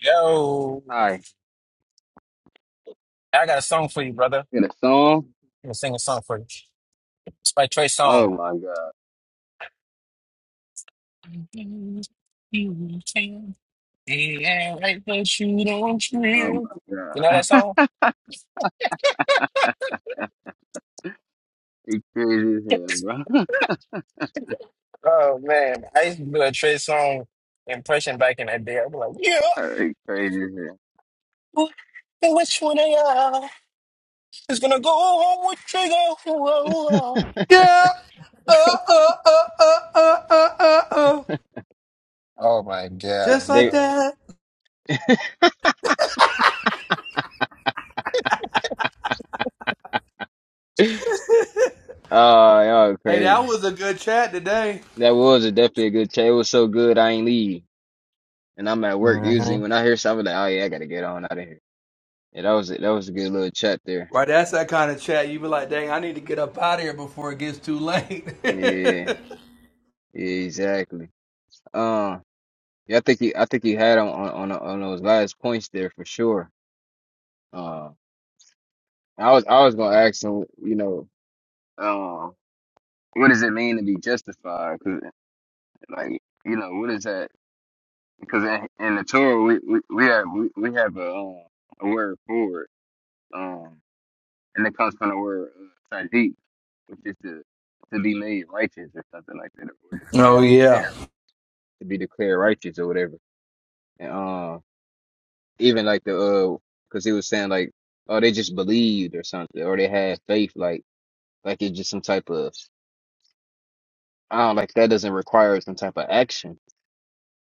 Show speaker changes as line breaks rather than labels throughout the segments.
Yo,
Hi.
I got a song for you, brother. I'm
In a song?
gonna sing a song for you. It's by Trey
Oh
Song.
my god.
Yeah, right, but you don't
Oh
feel.
my
You
god.
know that song?
He crazy as hell, bro.
Oh man, I used to do a Trey Song impression back in that day. I'd be like, yeah,
He crazy as hell.
who- which one of y'all is gonna go home with Trigger? Oh
Yeah. Uh, uh, uh, uh, uh, uh, uh, uh.
oh my god,
Just like
They
bro.
that.
uh y'all
Hey, that
crazy.
was a good chat today.
That was a, definitely a good chat. It was so good I ain't leave. And I'm at work
hmm
usually when I hear something like, oh yeah, I gotta get on out of here. Yeah, that was a, that was a good little chat there.
Right, that's that kind of chat. You be like, dang, I need to get up out of here before it gets too late.
Yeah, yeah, exactly. Uh yeah, I think he I think he had on on on, on those last points there for sure. Uh I was I was gonna ask him, you know. um, what does it mean to be justified? 'Cause, like, you know, what is that? Because in, in the Torah, we, we, we have we, we have a, um, a word for it, um, and it comes from the word uh, tzaddik, which is to to be made righteous or something like that, or
oh,
declare
yeah.
to be declared righteous or whatever. And um, even like the uh, because he was saying like, oh, they just believed or something, or they had faith, like like it's just some type of I don't like that doesn't require some type of action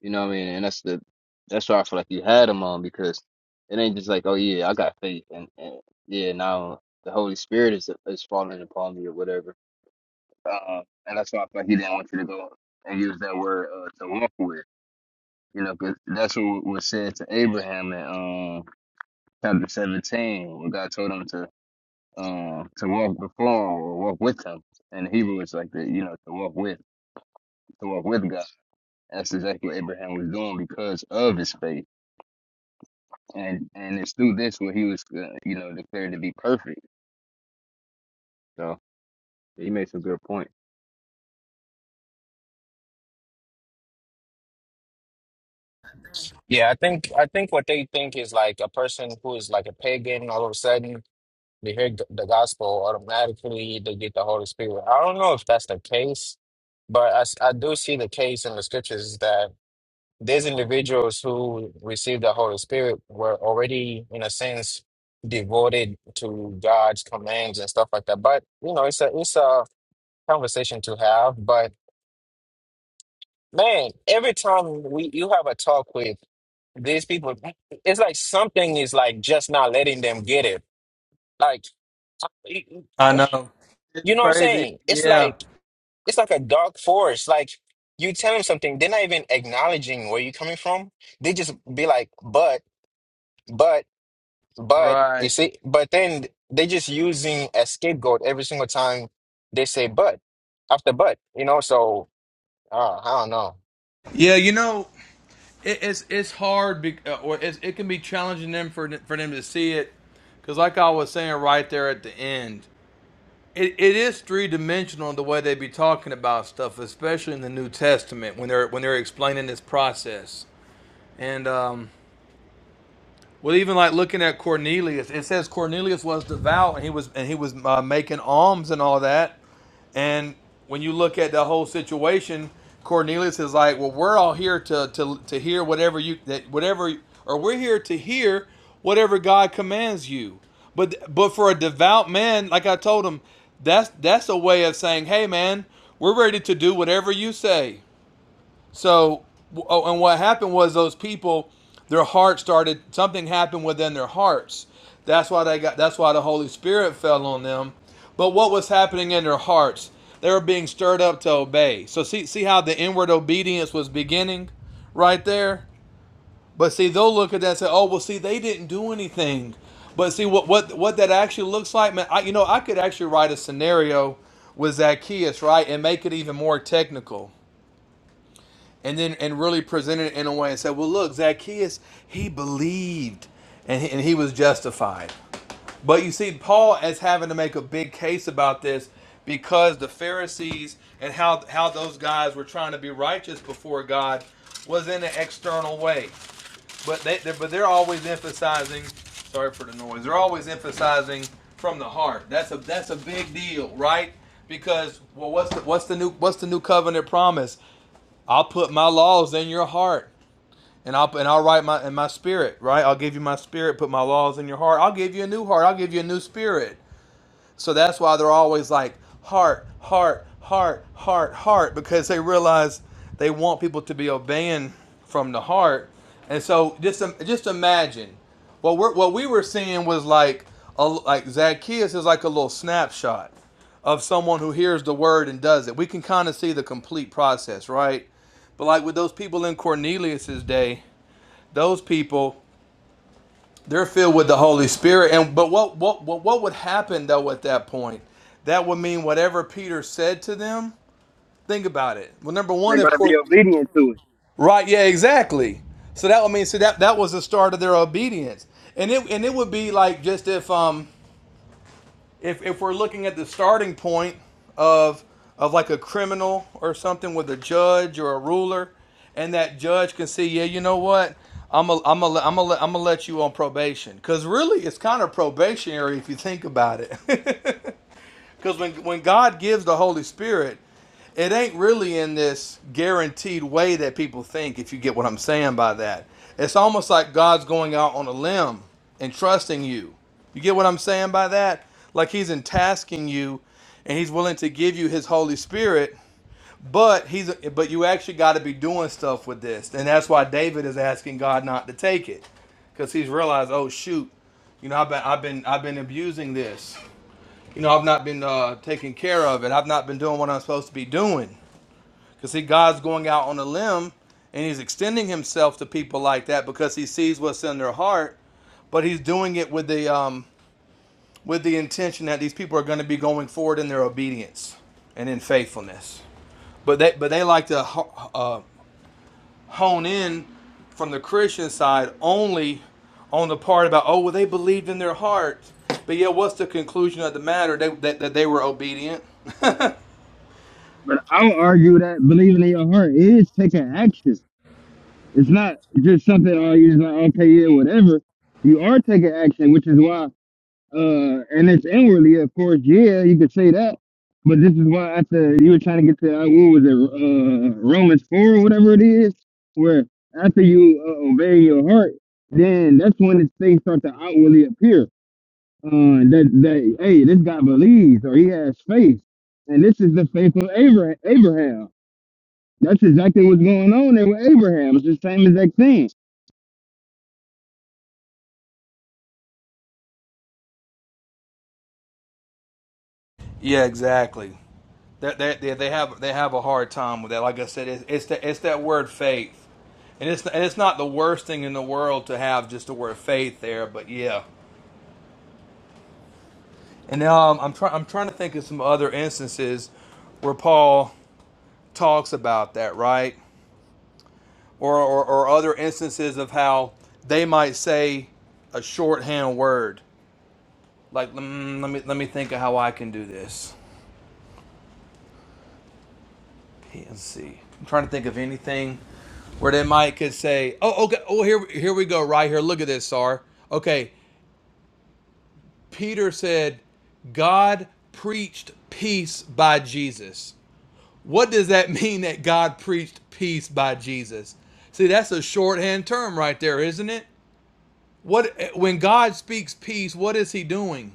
You know what I mean? And that's the that's why I feel like you had him on because it ain't just like, oh yeah, I got faith and, and yeah, now the Holy Spirit is is falling upon me or whatever. Uh, and that's why I feel like he didn't want you to go and use that word uh, to walk with. You know, because that's what was said to Abraham in um, chapter seventeen, when God told him to um to walk before him or walk with him. And Hebrew is like the you know to walk with to walk with God. That's exactly what Abraham was doing because of his faith and and it's through this where he was, uh, you know, declared to be perfect. So he made some good points.
Yeah, I think I think what they think is like a person who is like a pagan all of a sudden They hear g- the gospel automatically, they get the Holy Spirit. I don't know if that's the case, but I, s- I do see the case in the scriptures that these individuals who received the Holy Spirit were already, in a sense, devoted to God's commands and stuff like that. But you know, it's a it's a conversation to have. But man, every time we you have a talk with these people, it's like something is like just not letting them get it. Like you
I know. It's
know what I'm
crazy.
saying? It's
Yeah.
like It's like a dark forest. Like you tell them something, they're not even acknowledging where you're coming from. They just be like, but, but, but, you
Right.
see, but then they just using a scapegoat every single time they say but after but, you know, so uh, I don't know.
Yeah, you know, it, it's it's hard, be, uh, or it's, it can be challenging them for for them to see it, because like I was saying right there at the end. It, it is three dimensional the way they be talking about stuff, especially in the New Testament when they're when they're explaining this process. And um, well, even like looking at Cornelius, it says Cornelius was devout and he was and he was uh, making alms and all that. And when you look at the whole situation, Cornelius is like, "Well, we're all here to to to hear whatever you that whatever or we're here to hear whatever God commands you." But but for a devout man, like I told him, that's that's a way of saying, "Hey, man, we're ready to do whatever you say." So, oh, and what happened was those people, their heart started. Something happened within their hearts. That's why they got. That's why the Holy Spirit fell on them. But what was happening in their hearts? They were being stirred up to obey. So see, see how the inward obedience was beginning, right there. But see, they'll look at that and say, "Oh, well, see, they didn't do anything." But see, what what what that actually looks like, man. I, you know, I could actually write a scenario with Zacchaeus, right, and make it even more technical and then and really presented it in a way and said, "Well, look, Zacchaeus, he believed, and he, and he was justified." But you see, Paul as having to make a big case about this because the Pharisees and how how those guys were trying to be righteous before God was in an external way, but they they're, but they're always emphasizing. Sorry for the noise. They're always emphasizing from the heart. That's a that's a big deal, right? Because well, what's the what's the new what's the new covenant promise? I'll put my laws in your heart, and I'll and I'll write my in my spirit. Right? I'll give you my spirit. Put my laws in your heart. I'll give you a new heart. I'll give you a new spirit. So that's why they're always like heart, heart, heart, heart, heart, because they realize they want people to be obeying from the heart. And so just just imagine what we what we were seeing was like a, like Zacchaeus is like a little snapshot of someone who hears the word and does it. We can kind of see the complete process, right? But like with those people in Cornelius's day, those people they're filled with the Holy Spirit. And but what what what, what would happen though at that point? That would mean whatever Peter said to them. Think about it. Well, number
They're
one, of
gonna be
course,
obedient to it,
right? Yeah, exactly. So that would mean so that that was the start of their obedience, and it and it would be like just if um if if we're looking at the starting point of of like a criminal or something with a judge or a ruler, and that judge can see, yeah, you know what, I'm a, I'm a, I'm a, I'm gonna let you on probation, because really it's kind of probationary if you think about it. Because when when God gives the Holy Spirit, it ain't really in this guaranteed way that people think. If you get what I'm saying by that, it's almost like God's going out on a limb and trusting you. You get what I'm saying by that? Like He's entasking you, and He's willing to give you His Holy Spirit. But he's but you actually got to be doing stuff with this, and that's why David is asking God not to take it, because he's realized, oh shoot, you know, I've been I've been I've been abusing this you know, I've not been uh, taking care of it. I've not been doing what I'm supposed to be doing. Because, see, God's going out on a limb and He's extending Himself to people like that because He sees what's in their heart, but He's doing it with the, um, with the intention that these people are going to be going forward in their obedience and in faithfulness. But they, but they like to uh, hone in from the Christian side only on the part about, oh, well, they believed in their heart. But yeah, what's the conclusion of the matter? They, that, that they were obedient
but I would argue that believing in your heart is taking action. It's not just something. Oh, you just like okay, yeah, whatever. You are taking action, which is why Uh, and it's inwardly, of course. Yeah, you could say that. But this is why after you were trying to get to uh, what was it, uh, Romans four or whatever it is, where after you uh, obey your heart, then that's when the things start to outwardly appear. Uh, that that hey, this guy believes or he has faith, and this is the faith of Abraham. Abraham. That's exactly what's going on there with Abraham. It's the same exact thing.
Yeah, exactly. That, that they, they have they have a hard time with that. Like I said, it's it's, that it's that word faith, and it's and it's not the worst thing in the world to have just the word faith there. But yeah, and um, I'm trying I'm trying to think of some other instances where Paul talks about that, right? Or or, or other instances of how they might say a shorthand word. Like mm, let me let me think of how I can do this. PNC. I'm trying to think of anything where they might could say, "Oh, okay, oh here here we go, right here. Look at this, Sar. Okay, Peter said, God preached peace by Jesus. What does that mean that God preached peace by Jesus? See, that's a shorthand term right there, isn't it? What when God speaks peace, what is he doing?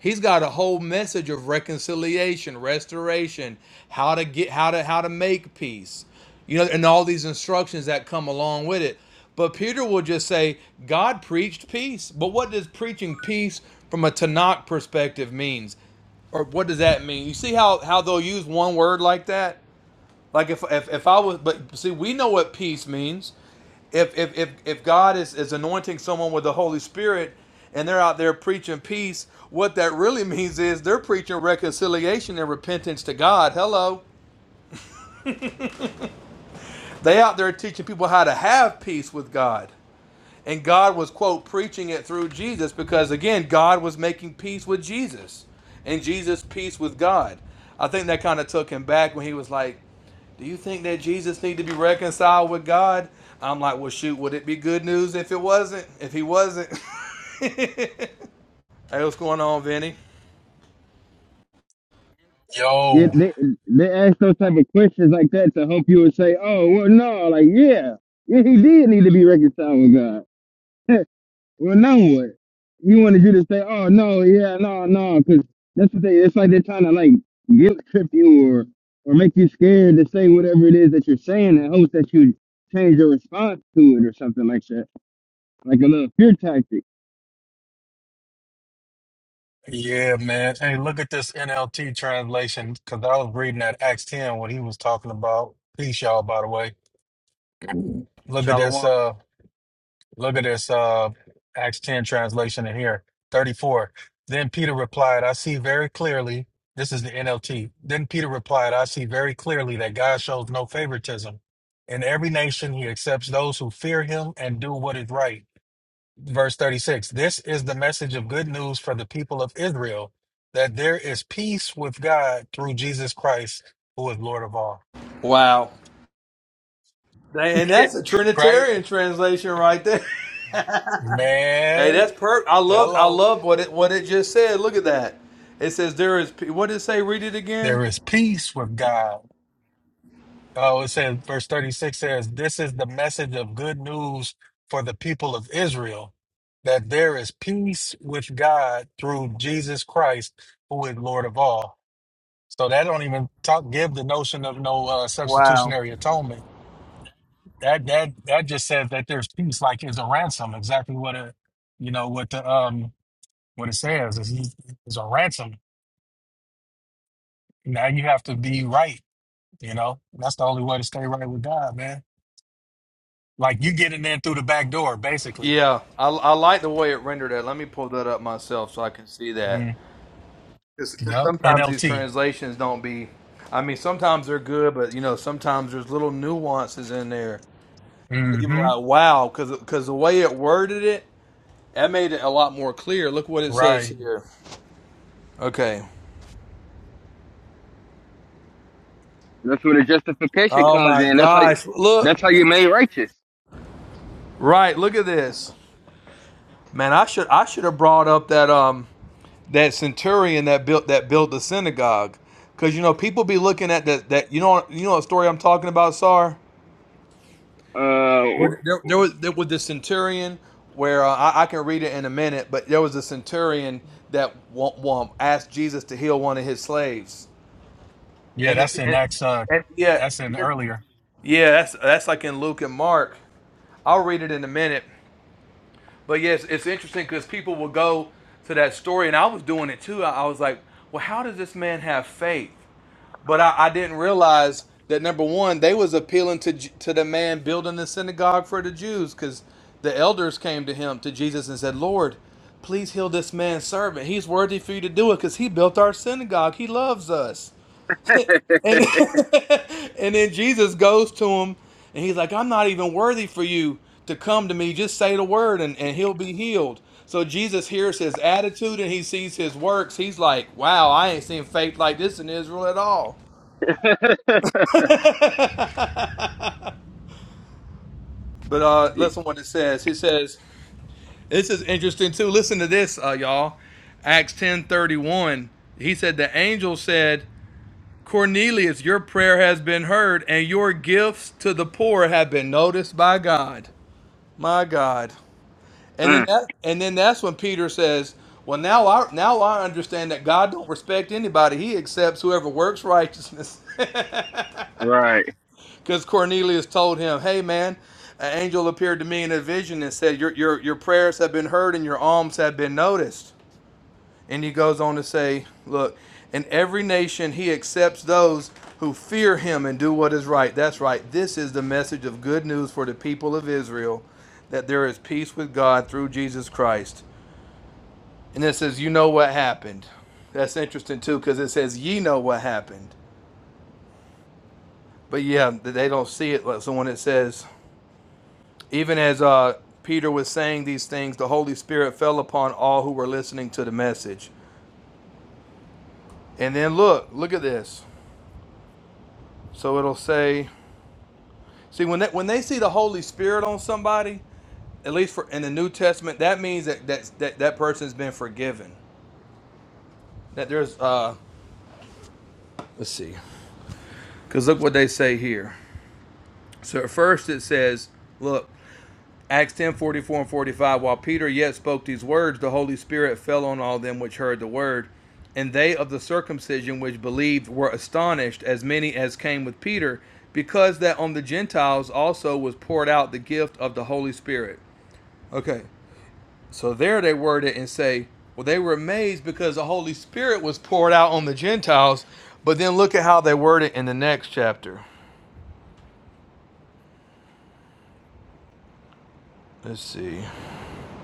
He's got a whole message of reconciliation, restoration, how to get how to how to make peace. You know, and all these instructions that come along with it. But Peter will just say, God preached peace. But what does preaching peace from a Tanakh perspective means? Or what does that mean? You see how how they'll use one word like that? Like if if, if I was but see, we know what peace means if if if, if God is, is anointing someone with the Holy Spirit and they're out there preaching peace, what that really means is they're preaching reconciliation and repentance to God. Hello. They out there teaching people how to have peace with God. And God was quote preaching it through Jesus because again, God was making peace with Jesus and Jesus' peace with God. I think that kind of took him back when he was like, Do you think that Jesus need to be reconciled with God? I'm like, well, shoot, would it be good news if it wasn't? If he wasn't? hey, what's going on, Vinny?
It,
Yo,
they, they ask those type of questions like that to help you and say, oh, well, no, like, yeah, yeah, he did need to be reconciled with God. well, now what? He wanted you to say, oh, no, yeah, no, no, because that's what they, it's like they're trying to, like, guilt trip you or, or make you scared to say whatever it is that you're saying and hopes that you change your response to it or something like that, like a little fear tactic.
yeah, man. Hey, look at this NLT translation because I was reading that Acts 10 what he was talking about. Peace, y'all, by the way. Look at this,
Shalom.
uh, look at this, uh, Acts 10 translation in here, 34. Then Peter replied, I see very clearly, this is the NLT. Then Peter replied, I see very clearly that God shows no favoritism. In every nation, he accepts those who fear him and do what is right. verse 36 this is the message of good news for the people of israel that there is peace with god through jesus christ who is lord of all
Wow. And
yeah.
that's a
right
Trinitarian translation right there. hey,
man
that's perfect. I love. I
hello
love what it what it just said. Look at that. It says there is. What did it say? Read it again.
there is peace with god oh it says verse 36 says this is the message of good news for the people of israel that there is peace with god through jesus christ who is lord of all so that don't even talk give the notion of no uh,
Wow.
substitutionary atonement that that that just says that there's peace like is a ransom exactly what a you know what the um what it says is he is a ransom now you have to be right you know that's the only way to stay right with god man like you getting in through the back door basically
Yeah, I, I like the way it rendered that. Let me pull that up myself so I can see that.
mm,
Because
yep
sometimes these
nlt
translations don't be. I mean, sometimes they're good, but you know, sometimes there's little nuances in there. You be
mm-hmm
like, wow, because the way it worded it, that made it a lot more clear. Look what it says
right
here. Okay.
That's where the justification
Oh
comes
my
in. That's how,
gosh! Look,
that's how you're made righteous.
right. Look at this, man. I should I should have brought up that um that centurion that built that built the synagogue, because you know people be looking at that that you know you know what story I'm talking about, Sar.
Uh,
Where there, there was there was the centurion where uh, I, I can read it in a minute, but there was a centurion that wa- wa- asked Jesus to heal one of his slaves,
yeah
and,
that's in
and,
acts uh
and yeah,
that's in earlier
yeah, that's that's like in Luke and Mark. I'll read it in a minute, but yes, yeah, it's it's interesting because people will go to that story, and I was doing it too. I, I was like, well, how does this man have faith? But I, I didn't realize that number one, they was appealing to J- to the man building the synagogue for the Jews, because the elders came to him to Jesus and said, "Lord, please heal this man's servant. He's worthy for you to do it, because he built our synagogue. He loves us." And and then Jesus goes to him, and he's like, "I'm not even worthy for you to come to me. Just say the word, and, and he'll be healed." So Jesus hears his attitude and he sees his works. He's like, "Wow, I ain't seen faith like this in Israel at all." But uh, listen what it says. It says this is interesting too. Listen to this, uh, y'all. Acts ten thirty one. He said the angel said, Cornelius, your prayer has been heard, and your gifts to the poor have been noticed by God. My God. And then
Uh,
that, and then that's when Peter says, Well, now I now I understand that God don't respect anybody. He accepts whoever works righteousness.
right.
Because Cornelius told him, Hey, man, an angel appeared to me in a vision and said, your, your, your prayers have been heard and your alms have been noticed. And he goes on to say, Look, in every nation he accepts those who fear him and do what is right. That's right. This is the message of good news for the people of Israel that there is peace with God through Jesus Christ. And it says, You know what happened. That's interesting too, because it says, Ye know what happened. But yeah, they don't see it. So when it says, Even as uh, Peter was saying these things, the Holy Spirit fell upon all who were listening to the message. And then look, look at this. So it'll say, see, when they, when they see the Holy Spirit on somebody, at least for in the New Testament, that means that that that, that person's been forgiven. That there's uh, let's see, because look what they say here. So at first it says, look, Acts 10 44 and 45. While Peter yet spoke these words, the Holy Spirit fell on all them which heard the word. And they of the circumcision which believed were astonished, as many as came with Peter, because that on the Gentiles also was poured out the gift of the Holy Spirit. Okay, so there they word it and say, well, they were amazed because the Holy Spirit was poured out on the Gentiles. But then look at how they word it in the next chapter. Let's see.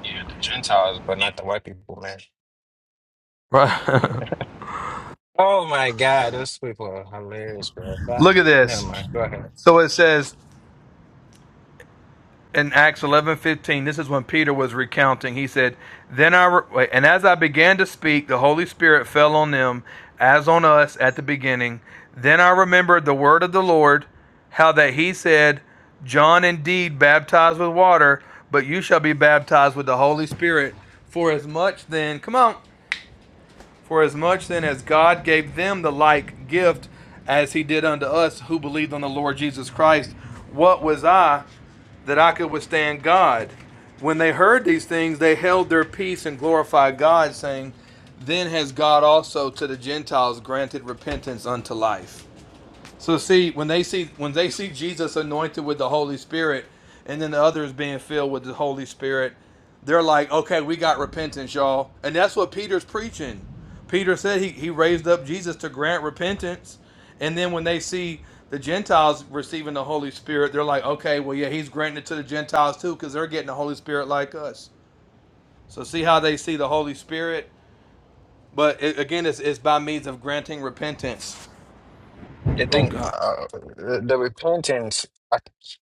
Yeah, the Gentiles, but not the white people, man.
Right.
Oh my God, those people are hilarious, bro. But
Look at
never
this.
mind. Go ahead.
So it says, in Acts 11:15, this is when Peter was recounting. He said, "Then I re- and as I began to speak, the Holy Spirit fell on them as on us at the beginning. Then I remembered the word of the Lord, how that he said, 'John indeed baptized with water, but you shall be baptized with the Holy Spirit for as much then. Come on. For as much then as God gave them the like gift as he did unto us who believed on the Lord Jesus Christ, what was I that I could withstand God? When they heard these things, they held their peace and glorified God, saying, Then has God also to the Gentiles granted repentance unto life. So see, when they see when they see Jesus anointed with the Holy Spirit, and then the others being filled with the Holy Spirit, they're like, okay, we got repentance, y'all, and that's what Peter's preaching. Peter said he, he raised up Jesus to grant repentance, and then when they see the Gentiles receiving the Holy Spirit, they're like, okay, well yeah, he's granting it to the Gentiles too, because they're getting the Holy Spirit like us. So see how they see the Holy Spirit, but it, again, it's, it's by means of granting repentance.
The
Oh
thing,
God.
uh, the, the repentance, I,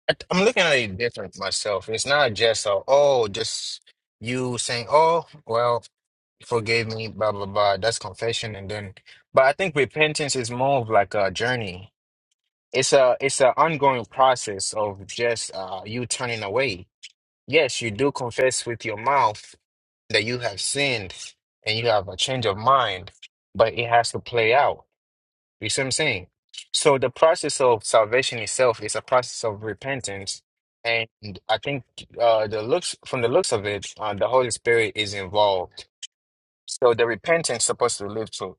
I, I'm looking at it different myself. It's not just a, oh, just you saying, oh, well, forgive me, blah, blah, blah. That's confession. And then, but I think repentance is more of like a journey. It's a, it's an ongoing process of just uh, you turning away. Yes, you do confess with your mouth that you have sinned and you have a change of mind, but it has to play out. You see what I'm saying? So the process of salvation itself is a process of repentance, and I think uh, the looks from the looks of it, uh, the Holy Spirit is involved. So the repentance supposed to live to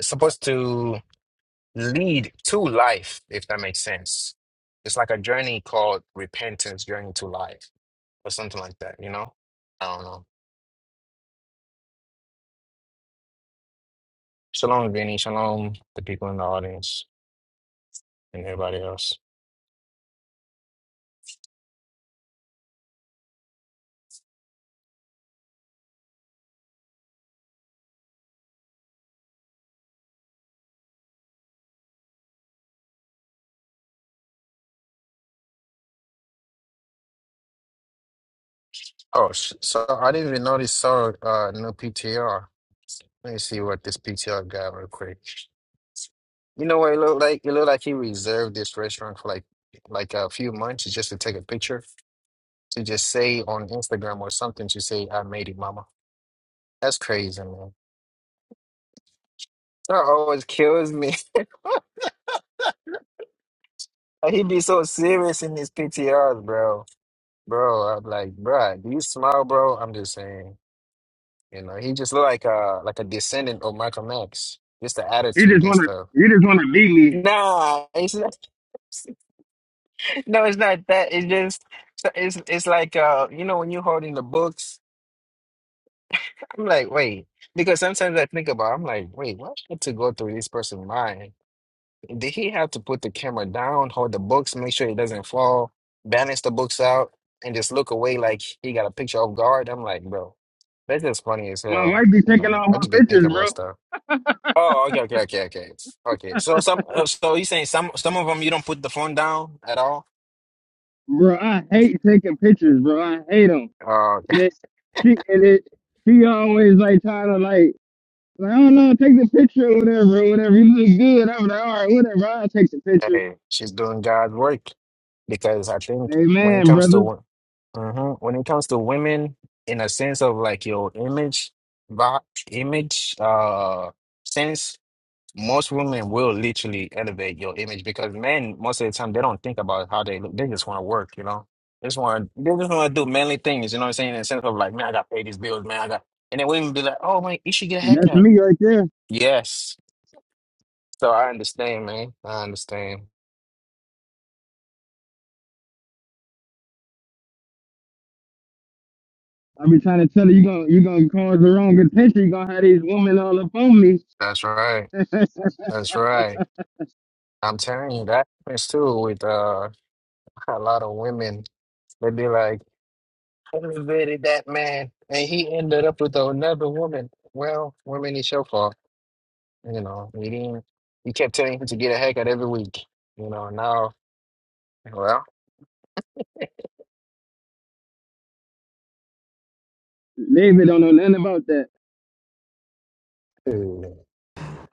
supposed to lead to life, if that makes sense. It's like a journey called repentance, journey to life, or something like that. You know, I don't know. Shalom, Vinny. Shalom, the people in the audience and everybody else. Oh, sh- so I didn't even notice. So uh, no PTR. Let me see what this PTR got real quick. You know what it looked like? It looked like he reserved this restaurant for like like a few months just to take a picture to just say on Instagram or something to say I made it, mama. That's crazy, man. That always kills me. Like, he be so serious in his PTRs, bro. Bro, I'm like, bro, do you smile, bro? I'm just saying, you know, he just look like a like a descendant of Michael X. Just the
You
attitude
just
and
wanna
stuff.
you just wanna beat me.
Nah, it's not. No, it's not that. It's just so it's it's like uh you know when you're holding the books, I'm like, wait, because sometimes I think about I'm like, wait, what had to go through this person's mind? Did he have to put the camera down, hold the books, make sure it doesn't fall, balance the books out, and just look away like he got a picture off guard? I'm like, bro, that's just funny as
My wife
hell.
be
You
taking
know,
all
I
my
just be thinking
pictures,
about
bro.
stuff. Oh, okay, okay, okay, okay, okay. So some, uh, so you saying some some of them you don't put the phone down at all?
Bro, I hate taking pictures, bro. I hate them.
Uh,
And it, she and it, she always like trying to like, like oh no, take the picture or whatever, or whatever. You look good. I'm like, all right, whatever. I'll take the picture.
Hey, she's doing God's work because I think when it
Amen,
comes to
brother.
mhm, when it comes to women, in a sense of like your image, but image uh sense, most women will literally elevate your image because men most of the time they don't think about how they look. They just want to work, you know. They just want to they just want to do manly things, you know what I'm saying? In the sense of like, man, I got to pay these bills, man. I got, and then women be like, oh man, you should get a
That's
haircut.
me right there.
Yes, so I understand, man. I understand.
I be trying to tell you, you gonna you gonna cause the wrong attention. You gonna have these women all up on me.
That's right. That's right. I'm telling you, that happens too with uh, a lot of women. They'd be like, I invited that man, and he ended up with another woman. Well, women, it's your fault. You know, we didn't. You kept telling him to get a haircut every week. You know, now, well,
David don't know nothing about that.
shoot.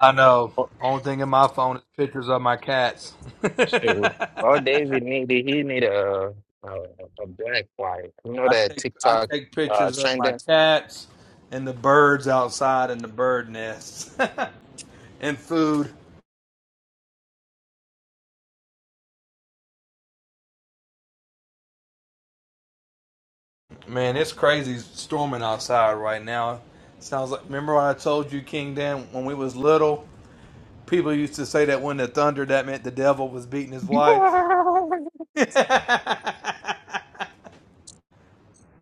I know.
Oh,
Only thing in my phone is pictures of my cats.
shoot. All David needed, he need a, a a black wife. You know
I
that
take I
TikTok
take
uh,
pictures of my
trending.
cats and the birds outside and the bird nests and food. Man, it's crazy storming outside right now. Sounds like remember when I told you, King Dan, when we was little, people used to say that when the thunder that meant the devil was beating his wife. you ever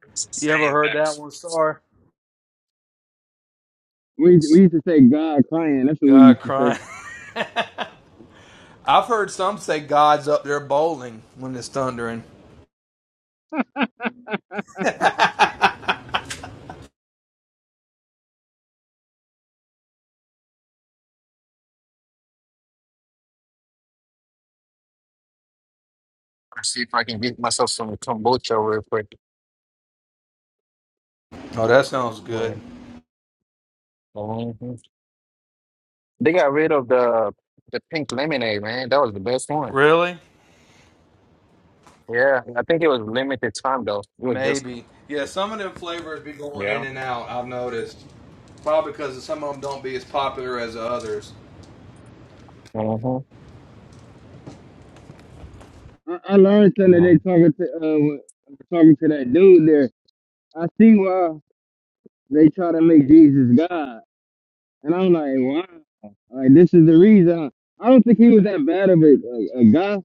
It's the
heard that
same.
one, Star?
We we used to say God crying. That's what we
God
used to say.
crying. I've heard some say God's up there bowling when it's thundering.
and see if I can get myself some kombucha real quick.
Oh, that sounds good.
Mm, mhm. They got rid of the the pink lemonade, man. That was the best one.
Really?
Yeah, I think it was limited time though. It was this one.
Maybe. Yeah, some of them flavors be going in
Yeah.
and out, I've noticed. Probably because some of them don't be as popular as the others.
hmm
I, I learned something
Yeah.
they talking to uh, when- talking to that dude there. I see why they try to make Jesus God, and I'm like, wow, like this is the reason. I don't think he was that bad of a, a, a guy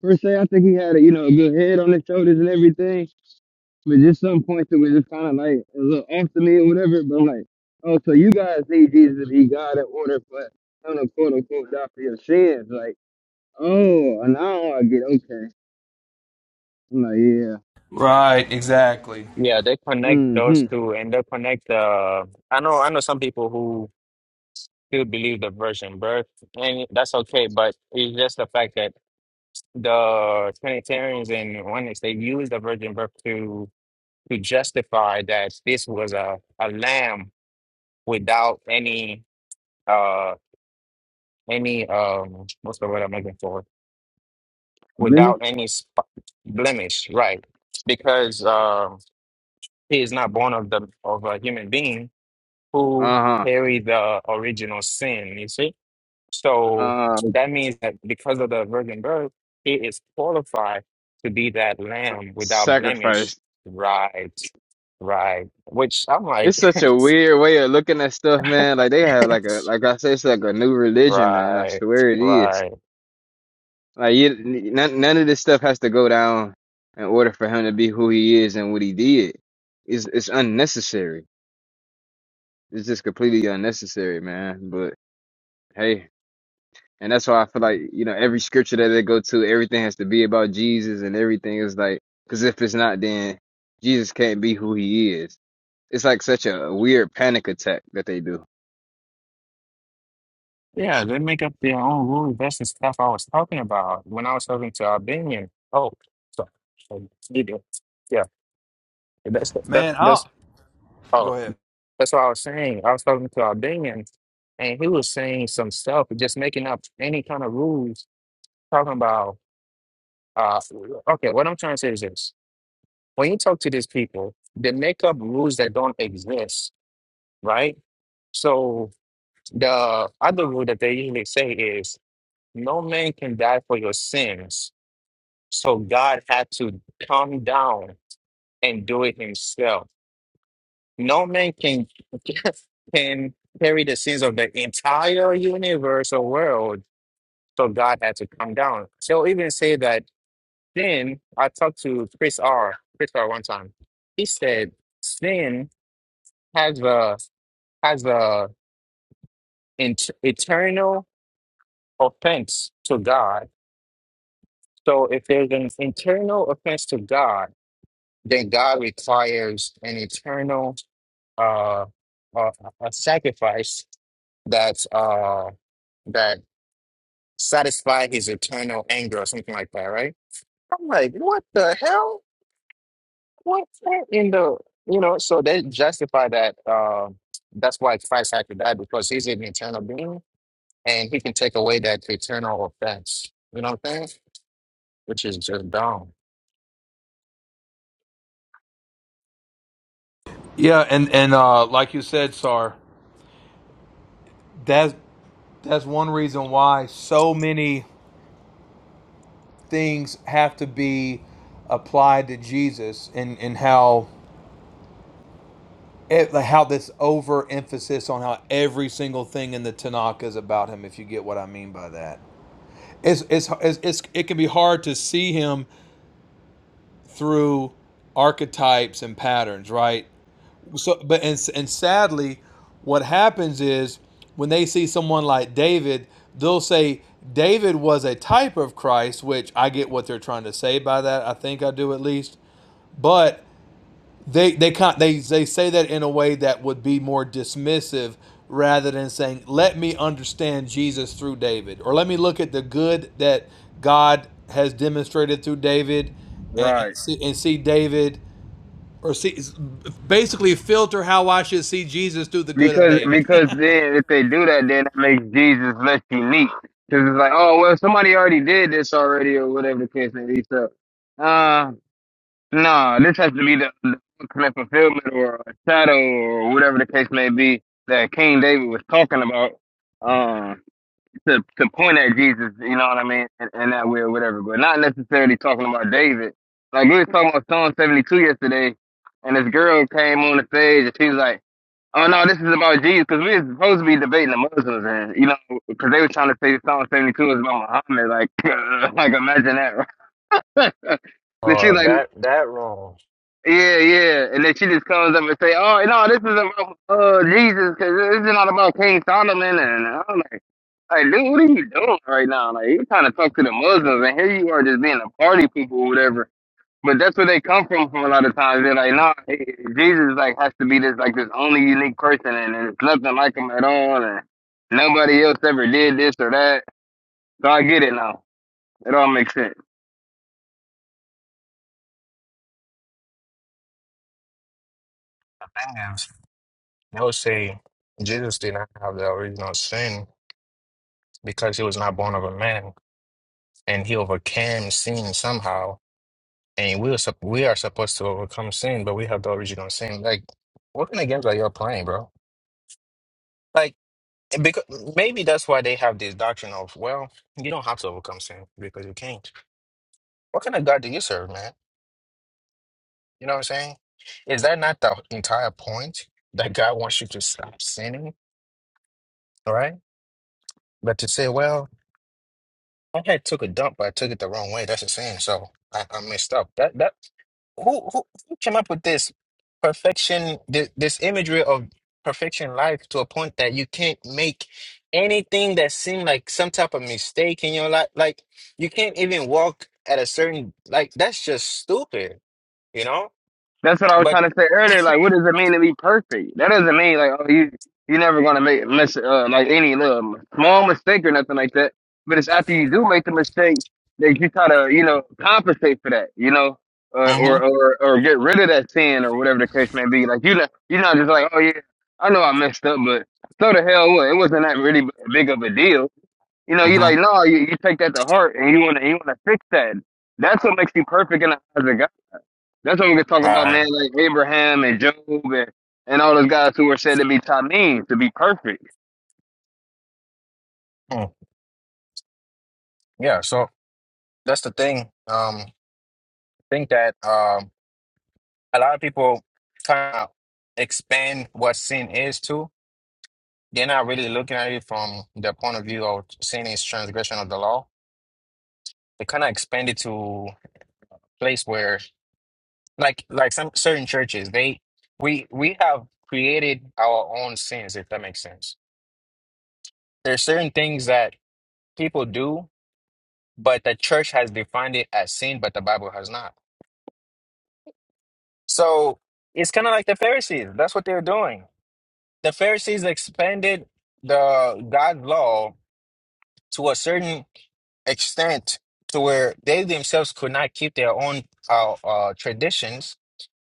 per se. I think he had a, you know a good head on his shoulders and everything, but just some points it was just kind of like a little off to me or whatever. But I'm like, oh, so you guys need Jesus to be God in order for him to quote unquote die for your sins, like. Oh, now I get okay. I'm like, yeah.
Right, exactly.
Yeah, they connect those
Mm-hmm.
two, and they connect the. I know, I know some people who still believe the virgin birth, and that's okay. But it's just the fact that the Trinitarians and oneness they use the virgin birth to to justify that this was a a lamb without any uh any um what's the word I'm looking for?
Blemish?
Without any sp- blemish, right? Because um he is not born of the of a human being who
Uh-huh.
carry the original sin, you see? So
Uh
that means that because of the virgin birth, he is qualified to be that lamb without blemish,
sacrifice.
right? Right. Which I'm like,
It's such a weird way of looking at stuff, man. Like they have like a like I say, it's like a new religion, man. I
right,
swear it is.
right.
Like you, none, none of this stuff has to go down in order for him to be who he is and what he did. It's it's unnecessary. It's just completely unnecessary, man. But hey. And that's why I feel like, you know, every scripture that they go to, everything has to be about Jesus and everything is like, because if it's not, then Jesus can't be who he is. It's like such a weird panic attack that they do.
Yeah, they make up their own rules. That's the stuff I was talking about when I was talking to Albanian. Oh, so, so you do. Yeah, that's that's
Man,
that's
I'll go
oh,
ahead.
that's what I was saying. I was talking to Albanian, and he was saying some stuff, just making up any kind of rules, talking about. Uh, okay, what I'm trying to say is this: when you talk to these people, they make up rules that don't exist, right? So the other rule that they usually say is No man can die for your sins. So God had to come down and do it himself. No man can can carry the sins of the entire universe or world. So God had to come down. They'll even say that sin, I talked to Chris R. Chris R one time. He said sin has a has a int eternal offense to God. So if there's an internal offense to God, then God requires an eternal uh, uh, a sacrifice that's uh, that satisfy His eternal anger or something like that, right? I'm like, what the hell? What what in the you know? So they justify that. Uh, that's why Christ had to die because He's an eternal being and He can take away that eternal offense. You know what I'm saying? Which is just dumb.
Yeah, and and uh, like you said, Sar, that's that's one reason why so many things have to be applied to Jesus, and and how it, how this overemphasis on how every single thing in the Tanakh is about him. If you get what I mean by that. it's, it's it's it's it can be hard to see him through archetypes and patterns, right? So, but and and sadly, what happens is when they see someone like David, they'll say David was a type of Christ, which I get what they're trying to say by that. I think I do at least. But they they con- they they say that in a way that would be more dismissive rather than saying let me understand Jesus through David or let me look at the good that God has demonstrated through David and, and
Right.
see, and see David or see basically filter how I should see Jesus through the good of
Because
David.
because then if they do that, then it makes Jesus less unique. Because it's like, oh well, somebody already did this already, or whatever the case may be. So, uh, no, this has to be the, the ultimate fulfillment or a shadow or whatever the case may be that King David was talking about. Um. to to point at Jesus, you know what I mean, in, in that way or whatever, but not necessarily talking about David. Like we was talking about Psalm seventy two yesterday, and this girl came on the stage and she was like, "Oh no, this is about Jesus," because we were supposed to be debating the Muslims, and you know, because they were trying to say Psalm seventy two is about Muhammad. Like, like imagine that. Right? then she
Uh,
like.
that that wrong.
Yeah, yeah, and then she just comes up and say, "Oh, no, this is about uh, Jesus, because this is not about King Solomon." And I'm like, like, dude, what are you doing right now? Like, you're trying to talk to the Muslims, and here you are just being a party people or whatever. But that's where they come from from a lot of times. They're like, nah, eh, Jesus like has to be this like this only unique person, and it's nothing like him at all, and nobody else ever did this or that. So I get it now. It all makes sense.
I would say Jesus did not have the original sin because he was not born of a man, and he overcame sin somehow. And we are sup- we are supposed to overcome sin, but we have the original sin. Like, what kind of games are you playing, bro? Like, because maybe that's why they have this doctrine of, well, you don't have to overcome sin because you can't. What kind of God do you serve, man? You know what I'm saying? Is that not the entire point that God wants you to stop sinning, right? But to say, well, I had took a dump, but I took it the wrong way. That's the saying. So I, I messed up. That that who who who came up with this perfection? This, this imagery of perfection life to a point that you can't make anything that seemed like some type of mistake in your life. Like you can't even walk at a certain like. That's just stupid, you know.
That's what I was
But
trying to say earlier. Like, what does it mean to be perfect? That doesn't mean like, oh, you you're never gonna make miss uh, like any little small mistake or nothing like that. But it's after you do make the mistake that you try to you know compensate for that, you know, uh,
hmm
or or or get rid of that sin or whatever the case may be. Like you not you're not just like, oh yeah, I know I messed up, but so the hell what? It wasn't that really big of a deal. You know, you
hmm
like no, you, you take that to heart and you wanna you wanna fix that. That's what makes you perfect in the eyes of God that's what we're talk about, man,
right.
like Abraham and Job and, and all those guys who were said to be tamim, to be perfect.
Hmm. Yeah. So that's the thing. Um, I think that. um. a lot of people kind of expand what sin is to. They're not really looking at it from the point of view of sin is transgression of the law. They kind of expand it to a place where, like, like some certain churches, they we we have created our own sins, if that makes sense. There are certain things that people do, but the church has defined it as sin, but the Bible has not. So it's kind of like the Pharisees. That's what they're doing. The Pharisees expanded the God's law to a certain extent to where they themselves could not keep their own uh, uh, traditions.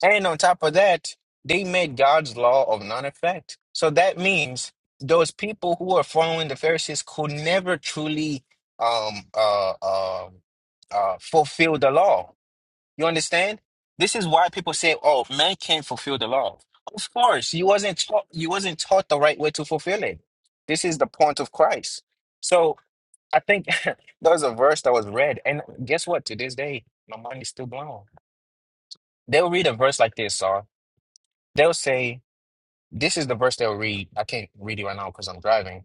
And on top of that, they made God's law of non effect. So that means those people who are following the Pharisees could never truly um, uh, uh, uh, fulfill the law. You understand? This is why people say, "Oh, man can't fulfill the law." Of course, he wasn't taught. He wasn't taught the right way to fulfill it. This is the point of Christ. So I think there was a verse that was read, and guess what? To this day, my mind is still blown. They'll read a verse like this, or they'll say, "This is the verse they'll read." I can't read it right now because I'm driving.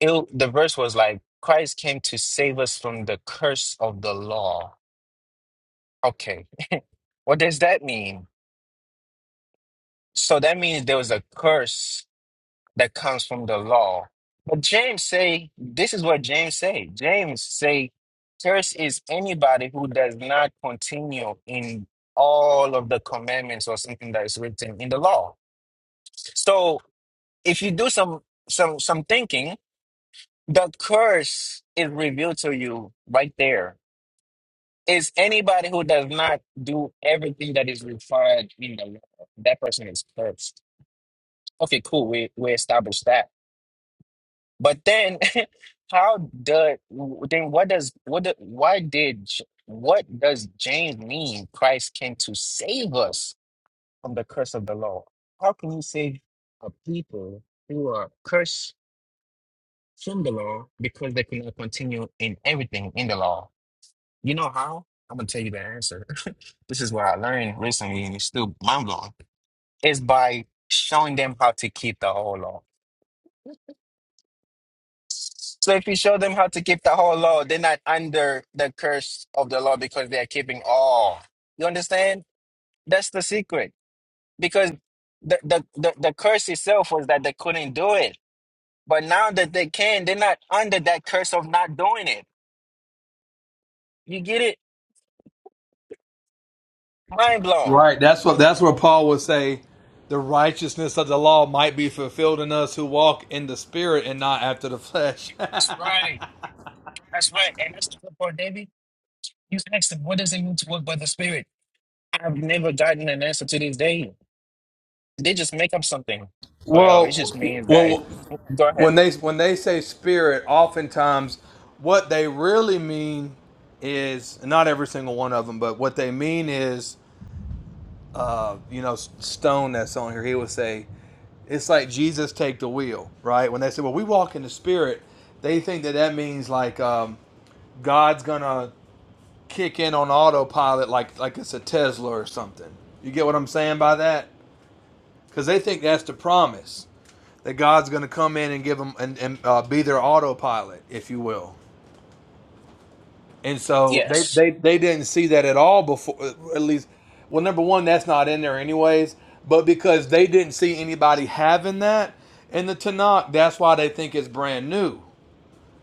It'll, the verse was like, "Christ came to save us from the curse of the law." Okay, what does that mean? So that means there was a curse that comes from the law. But James say, this is what James say. James say, cursed is anybody who does not continue in all of the commandments or something that is written in the law. So if you do some some some thinking, the curse is revealed to you right there. Is anybody who does not do everything that is required in the law, that person is cursed. Okay, cool. We we established that. But then, how does then what does what do, why did J- what does James mean? Christ came to save us from the curse of the law. How can you save a people who are cursed from the law because they cannot continue in everything in the law? You know how? I'm gonna tell you the answer. This is what I learned recently, and it's still mind blowing. Is by showing them how to keep the whole law So if you show them how to keep the whole law, they're not under the curse of the law because they are keeping all. You understand? That's the secret. Because the, the, the, the curse itself was that they couldn't do it. But now that they can, they're not under that curse of not doing it. You get it? Mind blown.
right, that's what that's what Paul would say the righteousness of the law might be fulfilled in us who walk in the spirit and not after the flesh.
That's right. That's right. And that's the good part, David. You asked them, what does it mean to walk by the Spirit? I've never gotten an answer to this day. They just make up something. Well, it
Well,
just means that.
well,
Go ahead.
when they when they say spirit, oftentimes what they really mean is not every single one of them, but what they mean is you know stone that's on here. He would say it's like Jesus take the wheel, right? When they say, "Well, we walk in the spirit," they think that that means like um, God's gonna kick in on autopilot, like like it's a Tesla or something. You get what I'm saying by that? Because they think that's the promise that God's going to come in and give them and, and uh, be their autopilot, if you will. And so they,
Yes.
they they didn't see that at all before. uh, At least, well, number one, that's not in there anyways. But because they didn't see anybody having that in the Tanakh, that's why they think it's brand new.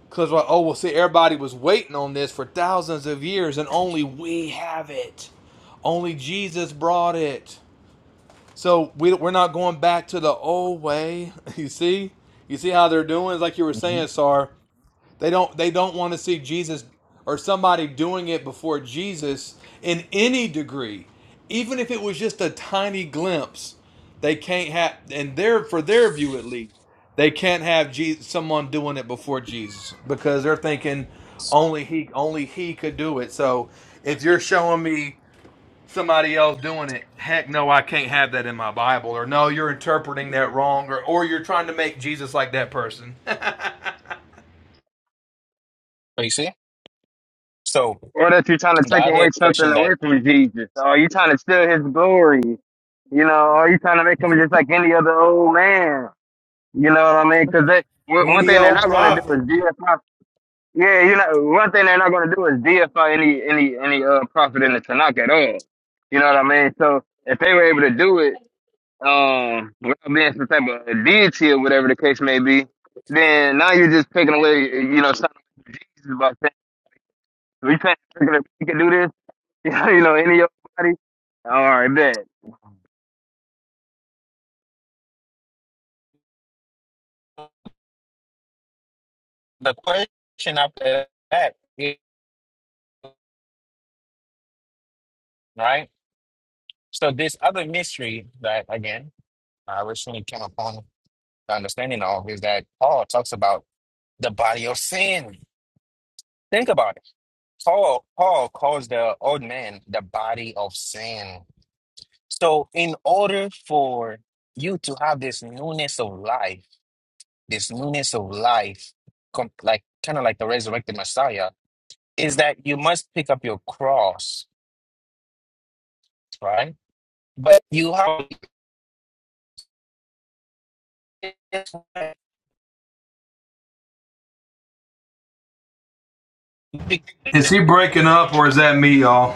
Because like, oh, well, see, everybody was waiting on this for thousands of years, and only we have it. Only Jesus brought it. So we, we're not going back to the old way. You see, you see how they're doing. It's like you were
Mhm.
saying, Sar. They don't they don't want to see Jesus or somebody doing it before Jesus in any degree, even if it was just a tiny glimpse. They can't have, and their for their view at least, they can't have Jesus, someone doing it before Jesus because they're thinking only he only he could do it. So if you're showing me somebody else doing it, heck no, I can't have that in my Bible, or no, you're interpreting that wrong, or, or you're trying to make Jesus like that person.
So you see? So
Or that you're trying to
the
take away
other
something
question that
away from Jesus. Or you trying to steal his glory. You know, or you trying to make him just like any other old man. You know what I mean? Because that one one
Any
thing they're
old
not going to do
prophet.
is deify. Yeah, you know, one thing they're not going to do is deify any any any uh prophet in the Tanakh at all. You know what I mean? So if they were able to do it, um without being some type of deity or whatever the case may be, then now you're just taking away, you know, something from Jesus about saying, we can't figure out you can do this, you know, you know, any old body. All right, bet.
the question after that is right. So this other mystery that again I recently came upon the understanding of is that Paul talks about the body of sin. Think about it. Paul Paul calls the old man the body of sin. So in order for you to have this newness of life, this newness of life, com- like kind of like the resurrected Messiah is that you must pick up your cross, right? But you have
Is he breaking up, or is that me, y'all?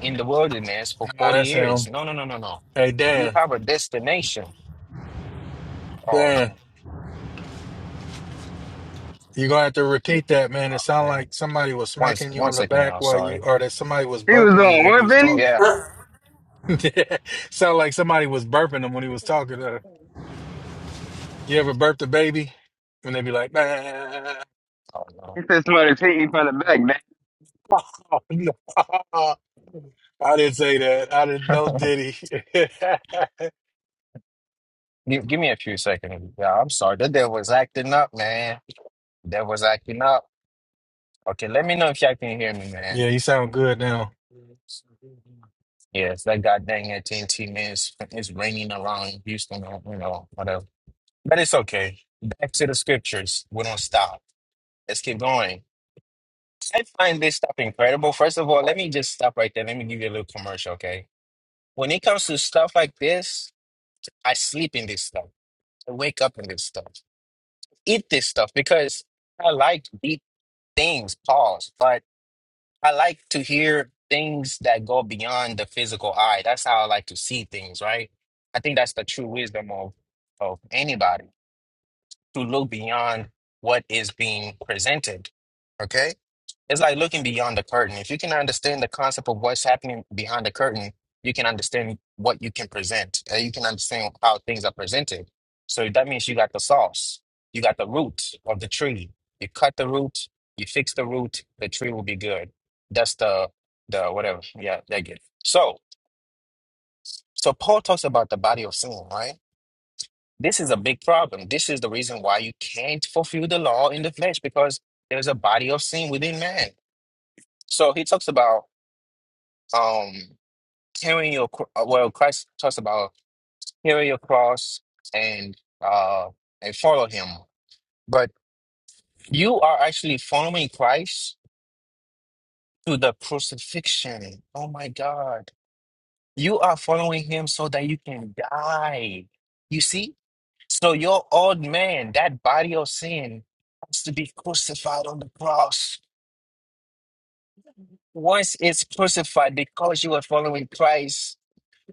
in the wilderness for
no
40
that's
years.
him
No, no, no, no, no.
hey
You
Dan.
have a destination. Oh,
dan
no.
You're gonna have to repeat that, man. It sounded
man.
like somebody was
One, s-
smacking you
one
on the
second now.
back while you,
Sorry.
or that somebody was
He was
burping you
on
when you
what,
was
Vinny?
talking.
Yeah.
Sound like somebody was burping him when he was talking. Uh, you ever burped a baby? And they be like, "Ah,
Oh,
He
no.
said somebody take you from the back, man.
Oh, no." I didn't say that. I didn't. No, did he?
Give, give me a few seconds. Yeah, I'm sorry. The devil's acting up, man. Devil's acting up. Okay, let me know if y'all can hear me,
yeah,
man.
you sound good now.
Yes, that goddamn AT&T man is, is ringing around Houston, you know, whatever. But it's okay. Back to the scriptures. We don't stop. Let's keep going. I find this stuff incredible. First of all, let me just stop right there. Let me give you a little commercial, okay? When it comes to stuff like this, I sleep in this stuff. I wake up in this stuff. Eat this stuff because I like deep things, pause. But I like to hear things that go beyond the physical eye. That's how I like to see things, right? I think that's the true wisdom of of anybody to look beyond what is being presented. Okay? It's like looking beyond the curtain. If you can understand the concept of what's happening behind the curtain, you can understand what you can present. and you can understand how things are presented. So that means you got the sauce. You got the root of the tree. You cut the root, you fix the root, the tree will be good. That's the the whatever. Yeah, that good. So so Paul talks about the body of sin, right? This is a big problem. This is the reason why you can't fulfill the law in the flesh because there's a body of sin within man. So he talks about um carrying your cr- uh, well, Christ talks about carry your cross and uh and follow him. But you are actually following Christ to the crucifixion. Oh my God. You are following him so that you can die. You see? So your old man, that body of sin, has to be crucified on the cross. Once it's crucified, because you were following Christ,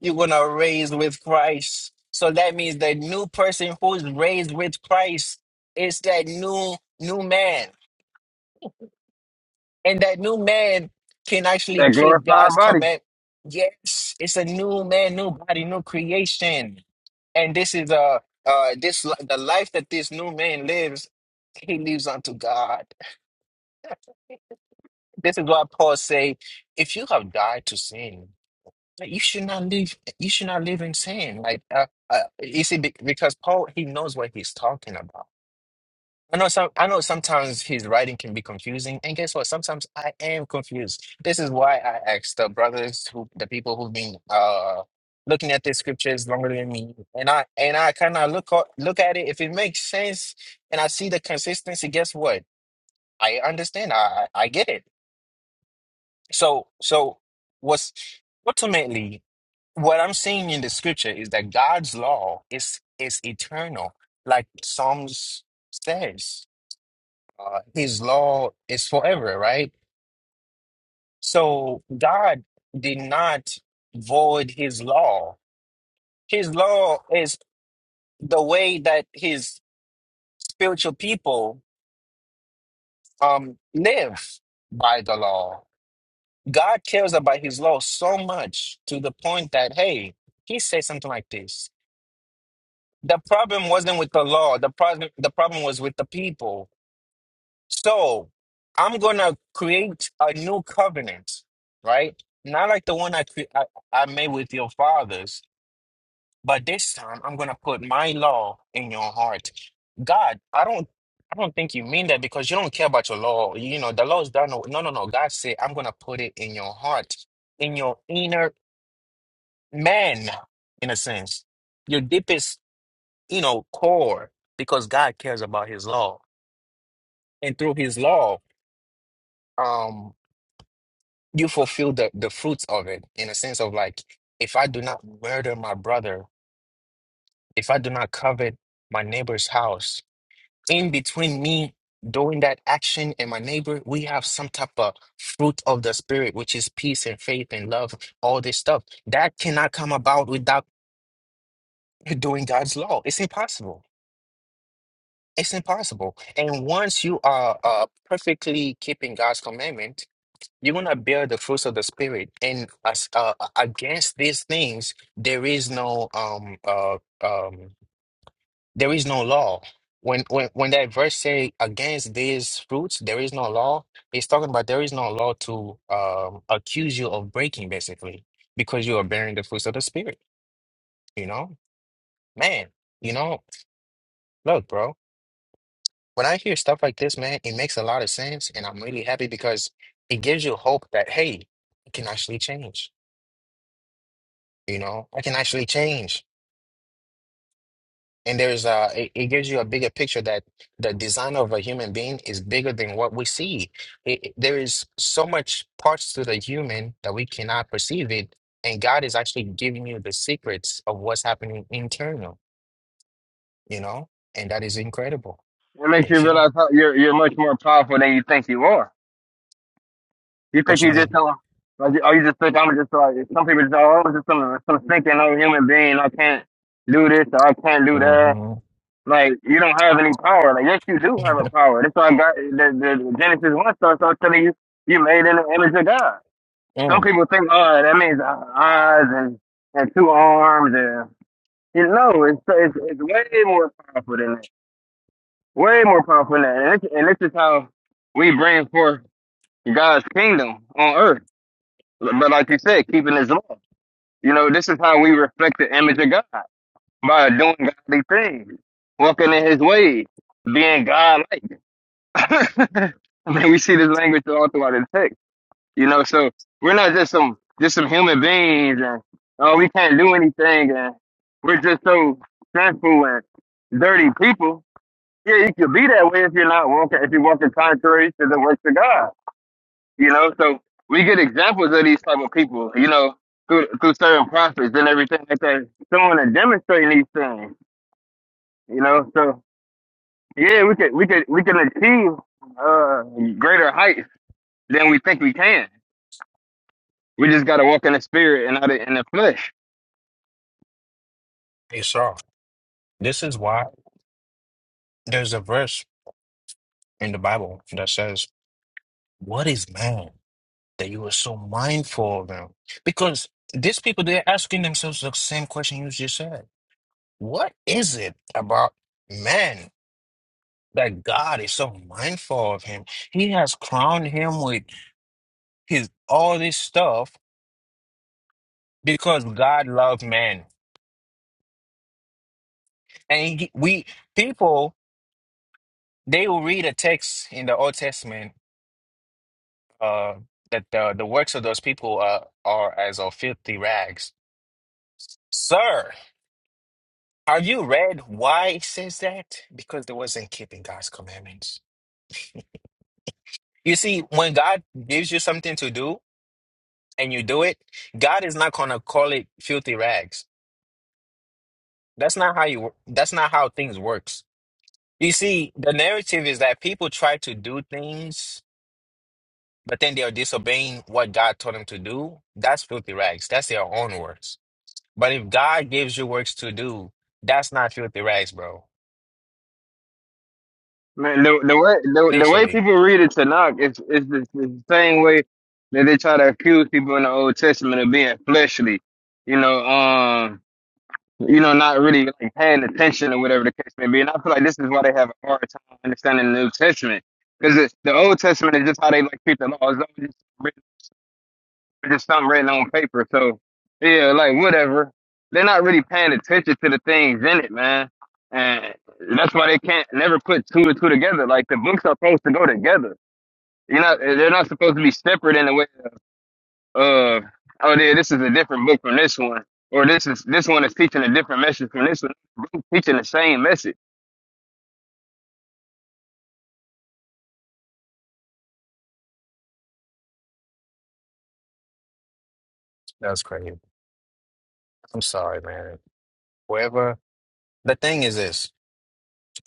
you're gonna raise with Christ. So that means the new person who's raised with Christ is that new new man. And that new man can actually
That
keep
glorified
God's
body.
command. Yes, it's a new man, new body, new creation. And this is uh uh this li- the life that this new man lives, he lives unto God. This is what Paul say, if you have died to sin, like, you should not live you should not live in sin. Like uh, uh you see be- because Paul he knows what he's talking about I know some I know sometimes his writing can be confusing, and guess what? Sometimes I am confused. This is why I asked the brothers who the people who've been uh looking at the scriptures longer than me. And I and I kinda look o- look at it. If it makes sense and I see the consistency, guess what? I understand. I I I get it. So so what's ultimately what I'm seeing in the scripture is that God's law is is eternal, like Psalms says uh, his law is forever, right? So God did not void his law. His law is the way that his spiritual people um, live by the law. God cares about his law so much to the point that, hey, he said something like this. The problem wasn't with the law. The problem, the problem was with the people. So I'm going to create a new covenant, right? Not like the one I, cre- I, I made with your fathers, but this time I'm going to put my law in your heart. God, I don't. I don't think you mean that because you don't care about your law. You know, the law is done. No, no, no. God said, I'm going to put it in your heart, in your inner man, in a sense, your deepest, you know, core, because God cares about his law. And through his law, um, you fulfill the, the fruits of it in a sense of like, if I do not murder my brother, if I do not covet my neighbor's house, in between me doing that action and my neighbor, we have some type of fruit of the spirit, which is peace and faith and love, all this stuff. That cannot come about without doing God's law. It's impossible. It's impossible. And once you are uh, perfectly keeping God's commandment, You're gonna bear the fruits of the spirit, and as uh, against these things, there is no um uh um there is no law. When when when that verse say against these fruits, there is no law. It's talking about there is no law to um accuse you of breaking, basically, because you are bearing the fruits of the spirit. You know, man. You know, look, bro. When I hear stuff like this, man, it makes a lot of sense, and I'm really happy because it gives you hope that hey, it can actually change you know i can actually change and there's uh it, it gives you a bigger picture that the design of a human being is bigger than what we see it, it- there is so much parts to the human that we cannot perceive it and god is actually giving you the secrets of what's happening internal you know and that is incredible
It makes you
if you don't
realize how you're you're much more powerful than you think you are. You
what
think
you
you just
mean
tell like, oh, you just think I'm just like some people just oh, I was just some some thinking, oh, human being, I can't do this or I can't do that
hmm
Like you don't have any power. Like yes, you do have a power. That's why God, the, the Genesis one starts out telling you you made in the image of God. Some
mm.
people think, oh, that means eyes and and two arms and you know, it's it's, it's way more powerful than that. Way more powerful than that. And this, and this is how we bring forth God's kingdom on earth. But like you said, keeping His law. You know, this is how we reflect the image of God by doing godly things, walking in His ways, being God-like. I mean, we see this language all throughout the text, you know. So we're not just some just some human beings, and oh, we can't do anything, and we're just so sinful and dirty people. Yeah, you could be that way if you're not walking if you're walking contrary to the works of God, you know. So we get examples of these type of people, you know, through through certain prophets and everything like that, someone and demonstrating these things, you know. So yeah, we could we could we can achieve uh greater heights than we think we can. We just gotta walk in the spirit and not in the flesh.
yes sir this is why there's a verse in the bible that says what is man that you were so mindful of them. Because these people, they're asking themselves the same question you just said. What is it about man that God is so mindful of him? He has crowned him with his all this stuff because God loved man. And he, we people, they will read a text in the Old Testament uh, that the, the works of those people are, are as of filthy rags. Sir, Have you read why it says that? Because they wasn't keeping God's commandments. You see, when God gives you something to do and you do it, God is not gonna call it filthy rags. That's not how you. That's not how things works. You see, the narrative is that people try to do things, but then they are disobeying what God told them to do. That's filthy rags. That's their own works. But if God gives you works to do, that's not filthy rags, bro.
Man, the the way the, the way
Literally,
people read it Tanakh is is the, is the same way that they try to accuse people in the Old Testament of being fleshly. You know, um, you know, not really like paying attention or whatever the case may be. And I feel like this is why they have a hard time understanding the New Testament because the Old Testament is just how they like treat the laws. just something written on paper. So yeah, like whatever. They're not really paying attention to the things in it, man. And that's why they can't never put two and two together. Like the books are supposed to go together. You know, they're not supposed to be separate in the way of, uh, oh yeah, this is a different book from this one, or this is this one is teaching a different message from this one. They're Both teaching the same message.
that's crazy. I'm sorry, man. Whoever The thing is this,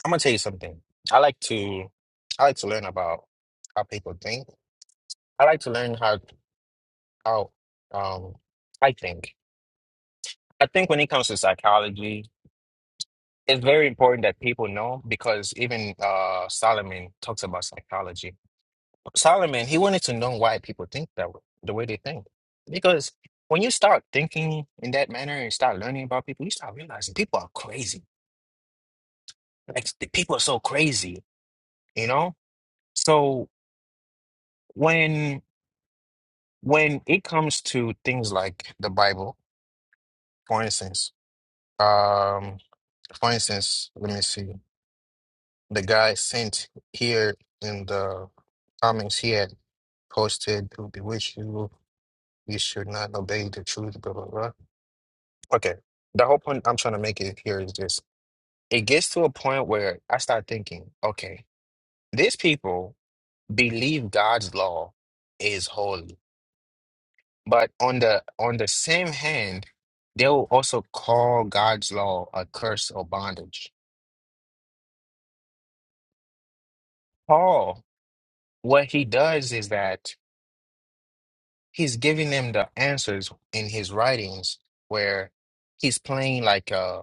I'm gonna tell you something. I like to I like to learn about how people think. I like to learn how how um I think. I think when it comes to psychology, it's very important that people know because even uh Solomon talks about psychology. Solomon, he wanted to know why people think that way, the way they think. Because when you start thinking in that manner and start learning about people, you start realizing people are crazy. Like the people are so crazy, you know? So when when it comes to things like the Bible, for instance, um, for instance, let me see, the guy sent here in the comments he had posted to bewitch you, you should not obey the truth, blah blah blah. Okay, the whole point I'm trying to make it here is this: it gets to a point where I start thinking, okay, these people believe God's law is holy But on the on the same hand, they will also call God's law a curse or bondage. Paul, what he does is that he's giving them the answers in his writings where he's playing like a,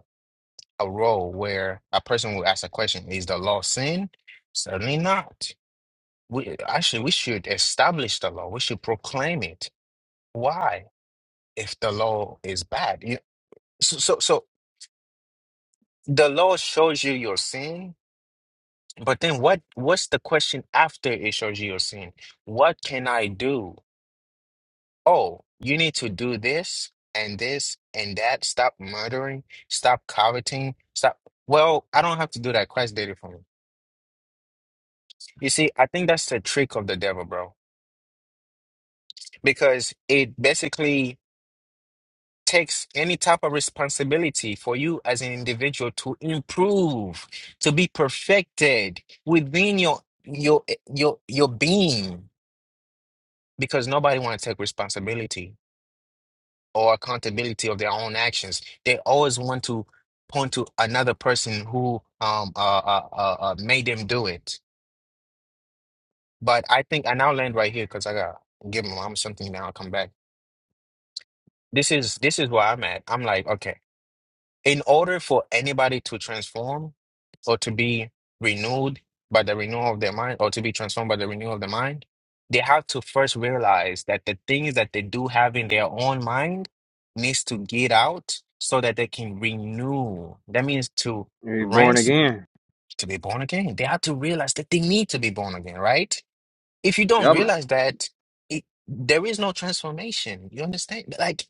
a role where a person will ask a question, is the law sin? Certainly not. We actually we should establish the law. We should proclaim it. Why? If the law is bad. You, so so so the law shows you your sin But then what what's the question after HRG or sin? What can I do? Oh, you need to do this and this and that. Stop murdering, stop coveting, stop. Well, I don't have to do that. Christ did it for me. You see, I think that's the trick of the devil, bro, because it basically takes any type of responsibility for you as an individual to improve, to be perfected within your your your your being because nobody want to take responsibility or accountability of their own actions. They always want to point to another person who um uh uh, uh, uh made them do it. But I think I now land right here because I got to give my mom something. Now I'll come back. This is this is where I'm at. I'm like okay. in order for anybody to transform or to be renewed by the renewal of their mind or to be transformed by the renewal of the mind, they have to first realize that the things that they do have in their own mind needs to get out so that they can renew. That means to
You're born
rinse,
again.
to be born again. They have to realize that they need to be born again, right? If you don't
Yup.
realize that, it, there is no transformation. You understand? Like,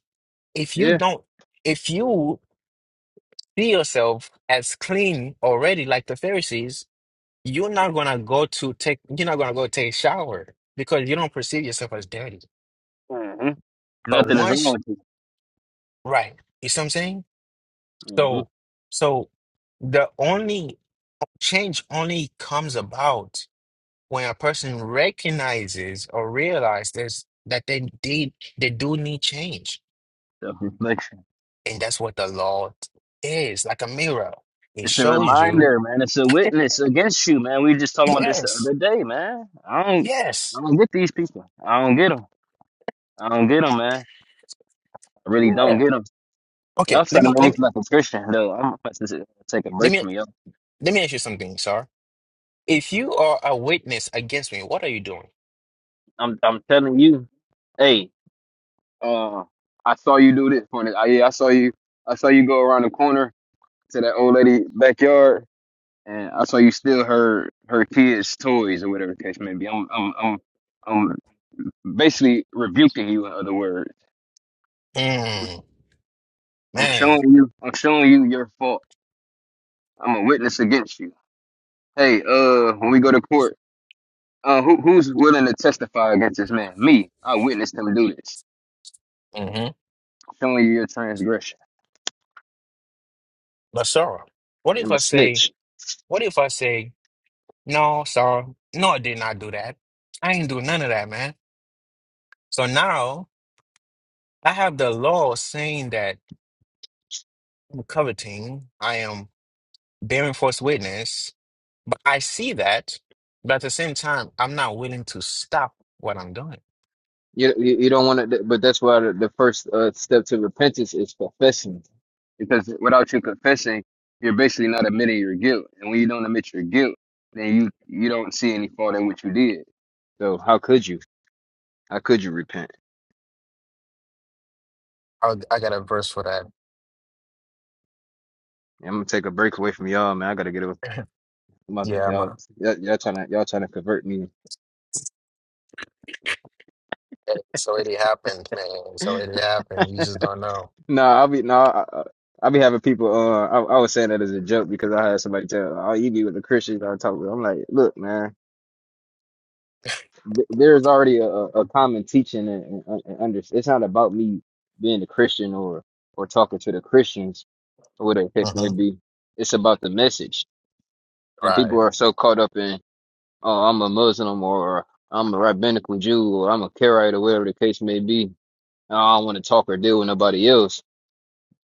if you
Yeah.
don't, if you see yourself as clean already, like the Pharisees, you're not gonna go to take you're not gonna go take a shower because you don't perceive yourself as dirty.
hmm
But
Nothing is wrong
once
with you.
right, you see what I'm saying?
Mm-hmm.
So so the only change only comes about when a person recognizes or realizes that they did they do need change.
Self reflection.
And that's what the law is, like a mirror. It
It's a
shows you,
reminder, man. It's a witness against you, man. We just talking about this the
yes,
other day, man. I don't,
yes,
I don't get these people. I don't get them. I don't get them, man. I really
yes.
don't get them. Y'all
Okay, let
starting
me
to make
let
me
me
feel like a Christian, though. I'm about to take a
let
break
me
from y'all.
let me ask you something, sir. If you are a witness against me, what are you doing?
I'm, I'm telling you, hey, uh, I saw you do this one. I, yeah, I saw you. I saw you go around the corner to that old lady backyard, and I saw you steal her her kids' toys or whatever the case may be. I'm, I'm, I'm, I'm basically rebuking you. In other words.
Mm,
I'm
man.
showing you. I'm showing you your fault. I'm a witness against you. Hey, uh, when we go to court, uh, who who's willing to testify against this man? Me. I witnessed him do this.
Mm-hmm.
Showing you your transgression.
But sir, what if
I'm
I
a
say,
snitch.
what if I say, no, sir, no, I did not do that. I ain't do none of that, man. So now I have the law saying that I'm coveting, I am bearing false witness, but I see that, but at the same time, I'm not willing to stop what I'm doing.
You you, you don't want to, but that's why the, the first uh, step to repentance is confessing, because without you confessing, you're basically not admitting your guilt. And when you don't admit your guilt, then you you don't see any fault in what you did. So how could you? How could you repent? I'm gonna take a break away from y'all, man. I gotta get away. Mother, y'all, y'all, y'all trying to y'all trying to convert me.
It's already happened, man. Happened. You just don't know.
Nah, I'll be nah, I, I I be having people. Uh, I, I was saying that as a joke because I had somebody tell, "Oh, you be with the Christians." I talk with. I'm like, look, man, th there's already a, a a common teaching and, and, and under. It's not about me being a Christian or or talking to the Christians or whatever the case may be. It's about the message, and
Right.
people are so caught up in, "Oh, I'm a Muslim," or "I'm a rabbinical Jew," or "I'm a Karaite," or whatever the case may be. I don't want to talk or deal with nobody else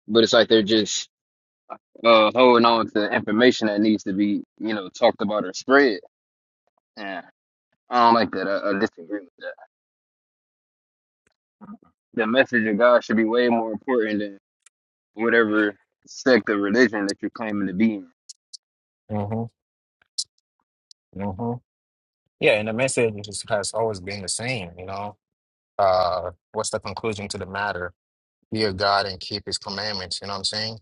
but it's like they're just uh holding on to information that needs to be you know talked about or spread and i don't like that i, I disagree with that the message of god should be way more important than whatever sect of religion that you're claiming to be in
hmm hmm Yeah, and the message is- has always been the same, you know. Uh, what's the conclusion to the matter? Fear God and keep his commandments, you know what I'm saying?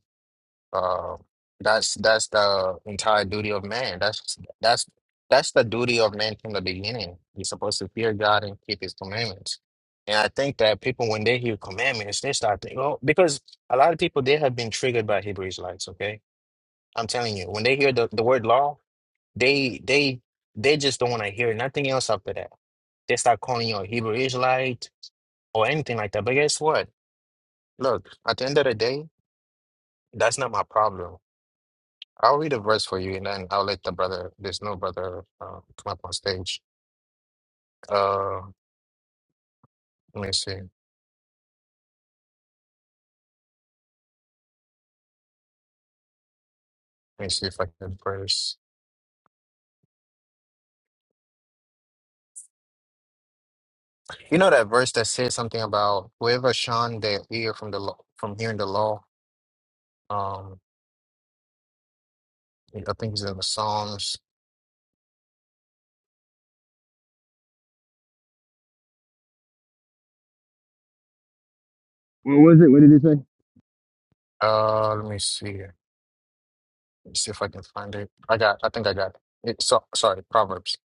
Uh, that's that's the entire duty of man. That's that's that's the duty of man from the beginning. You're supposed to fear God and keep his commandments. And I think that people when they hear commandments, they start thinking, oh, because a lot of people they have been triggered by Hebrew Israelites, okay? I'm telling you, when they hear the, the word law, They they they just don't want to hear nothing else after that. They start calling you a Hebrew Israelite or anything like that. But guess what? Look, at the end of the day, that's not my problem. I'll read a verse for you and then I'll let the brother, this new brother, uh, come up on stage. Uh, let me see. Let me see if I can verse. You know that verse that says something about whoever shunned their ear from the law, from hearing the law. Um, I think it's in the Psalms.
what was it what did it say
Uh, let me see. Let's see if I can find it. I got, I think I got it. It- So, sorry, Proverbs.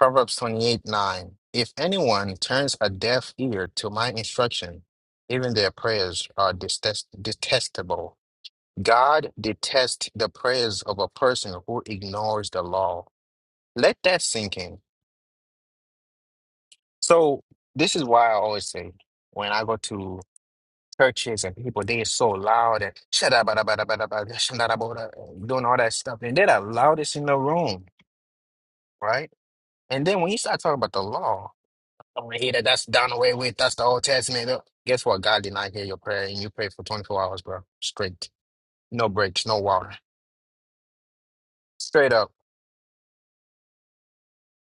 Proverbs 28 9. If anyone turns a deaf ear to my instruction, even their prayers are detest- detestable. God detests the prayers of a person who ignores the law. Let that sink in. So, this is why I always say when I go to churches and people, they are so loud and shut up, doing all that stuff, and they're the loudest in the room, right? And then when you start talking about the law, I want to hear that that's done away with. That's the Old Testament. Uh, Guess what? God did not hear your prayer, and you prayed for 24 hours, bro. Straight. No breaks, no water. Straight up.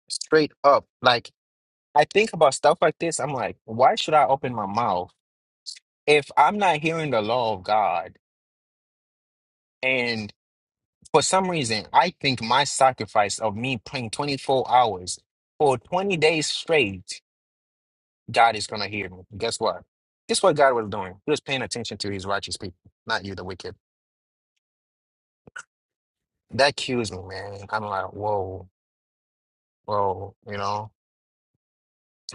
Straight up. Like, I think about stuff like this. I'm like, why should I open my mouth if I'm not hearing the law of God? And for some reason, I think my sacrifice of me praying 24 hours for 20 days straight God is going to hear me. Guess what? Guess what God was doing? He was paying attention to his righteous people, not you, the wicked. That cues me, man. I'm like, whoa, whoa, you know?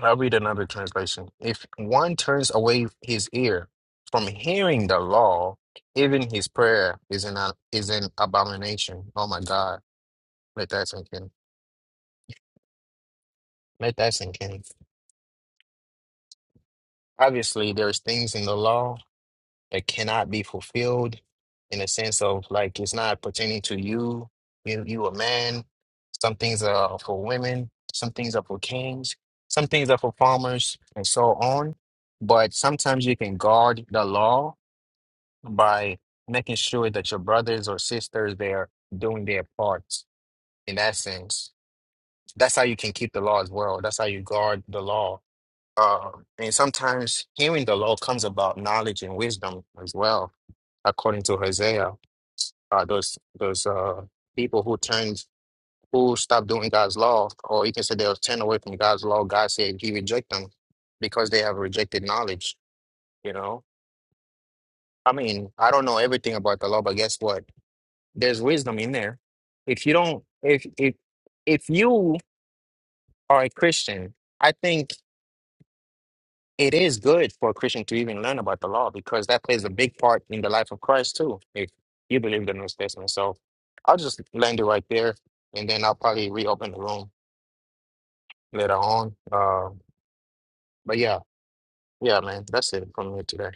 I'll read another translation. If one turns away his ear from hearing the law, even his prayer is an, uh, is an abomination. Oh my God. Let that sink in. Let that sink in. Obviously, there's things in the law it cannot be fulfilled in a sense of like it's not pertaining to you. You you a man. Some things are for women, some things are for kings, some things are for farmers, and so on. But sometimes you can guard the law by making sure that your brothers or sisters they're doing their parts in that sense. That's how you can keep the law as well. That's how you guard the law. Uh, and sometimes hearing the law comes about knowledge and wisdom as well according to Hosea, uh, those those uh, people who turned who stopped doing God's law, or you can say they'll turn away from God's law. God said He reject them because they have rejected knowledge. You know, I mean, I don't know everything about the law, but guess what? There's wisdom in there. If you don't, if if if you are a Christian, I think. it is good for a Christian to even learn about the law because that plays a big part in the life of Christ too, if you believe the New Testament. So I'll just land it right there and then I'll probably reopen the room later on. Uh, but yeah, yeah, man, that's it from me today.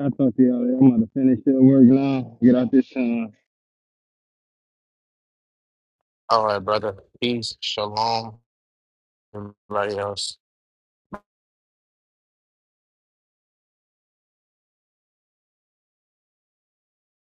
i talked to y'all i'm about to finish that work now get out this time
All right, brother. Peace, shalom, everybody else.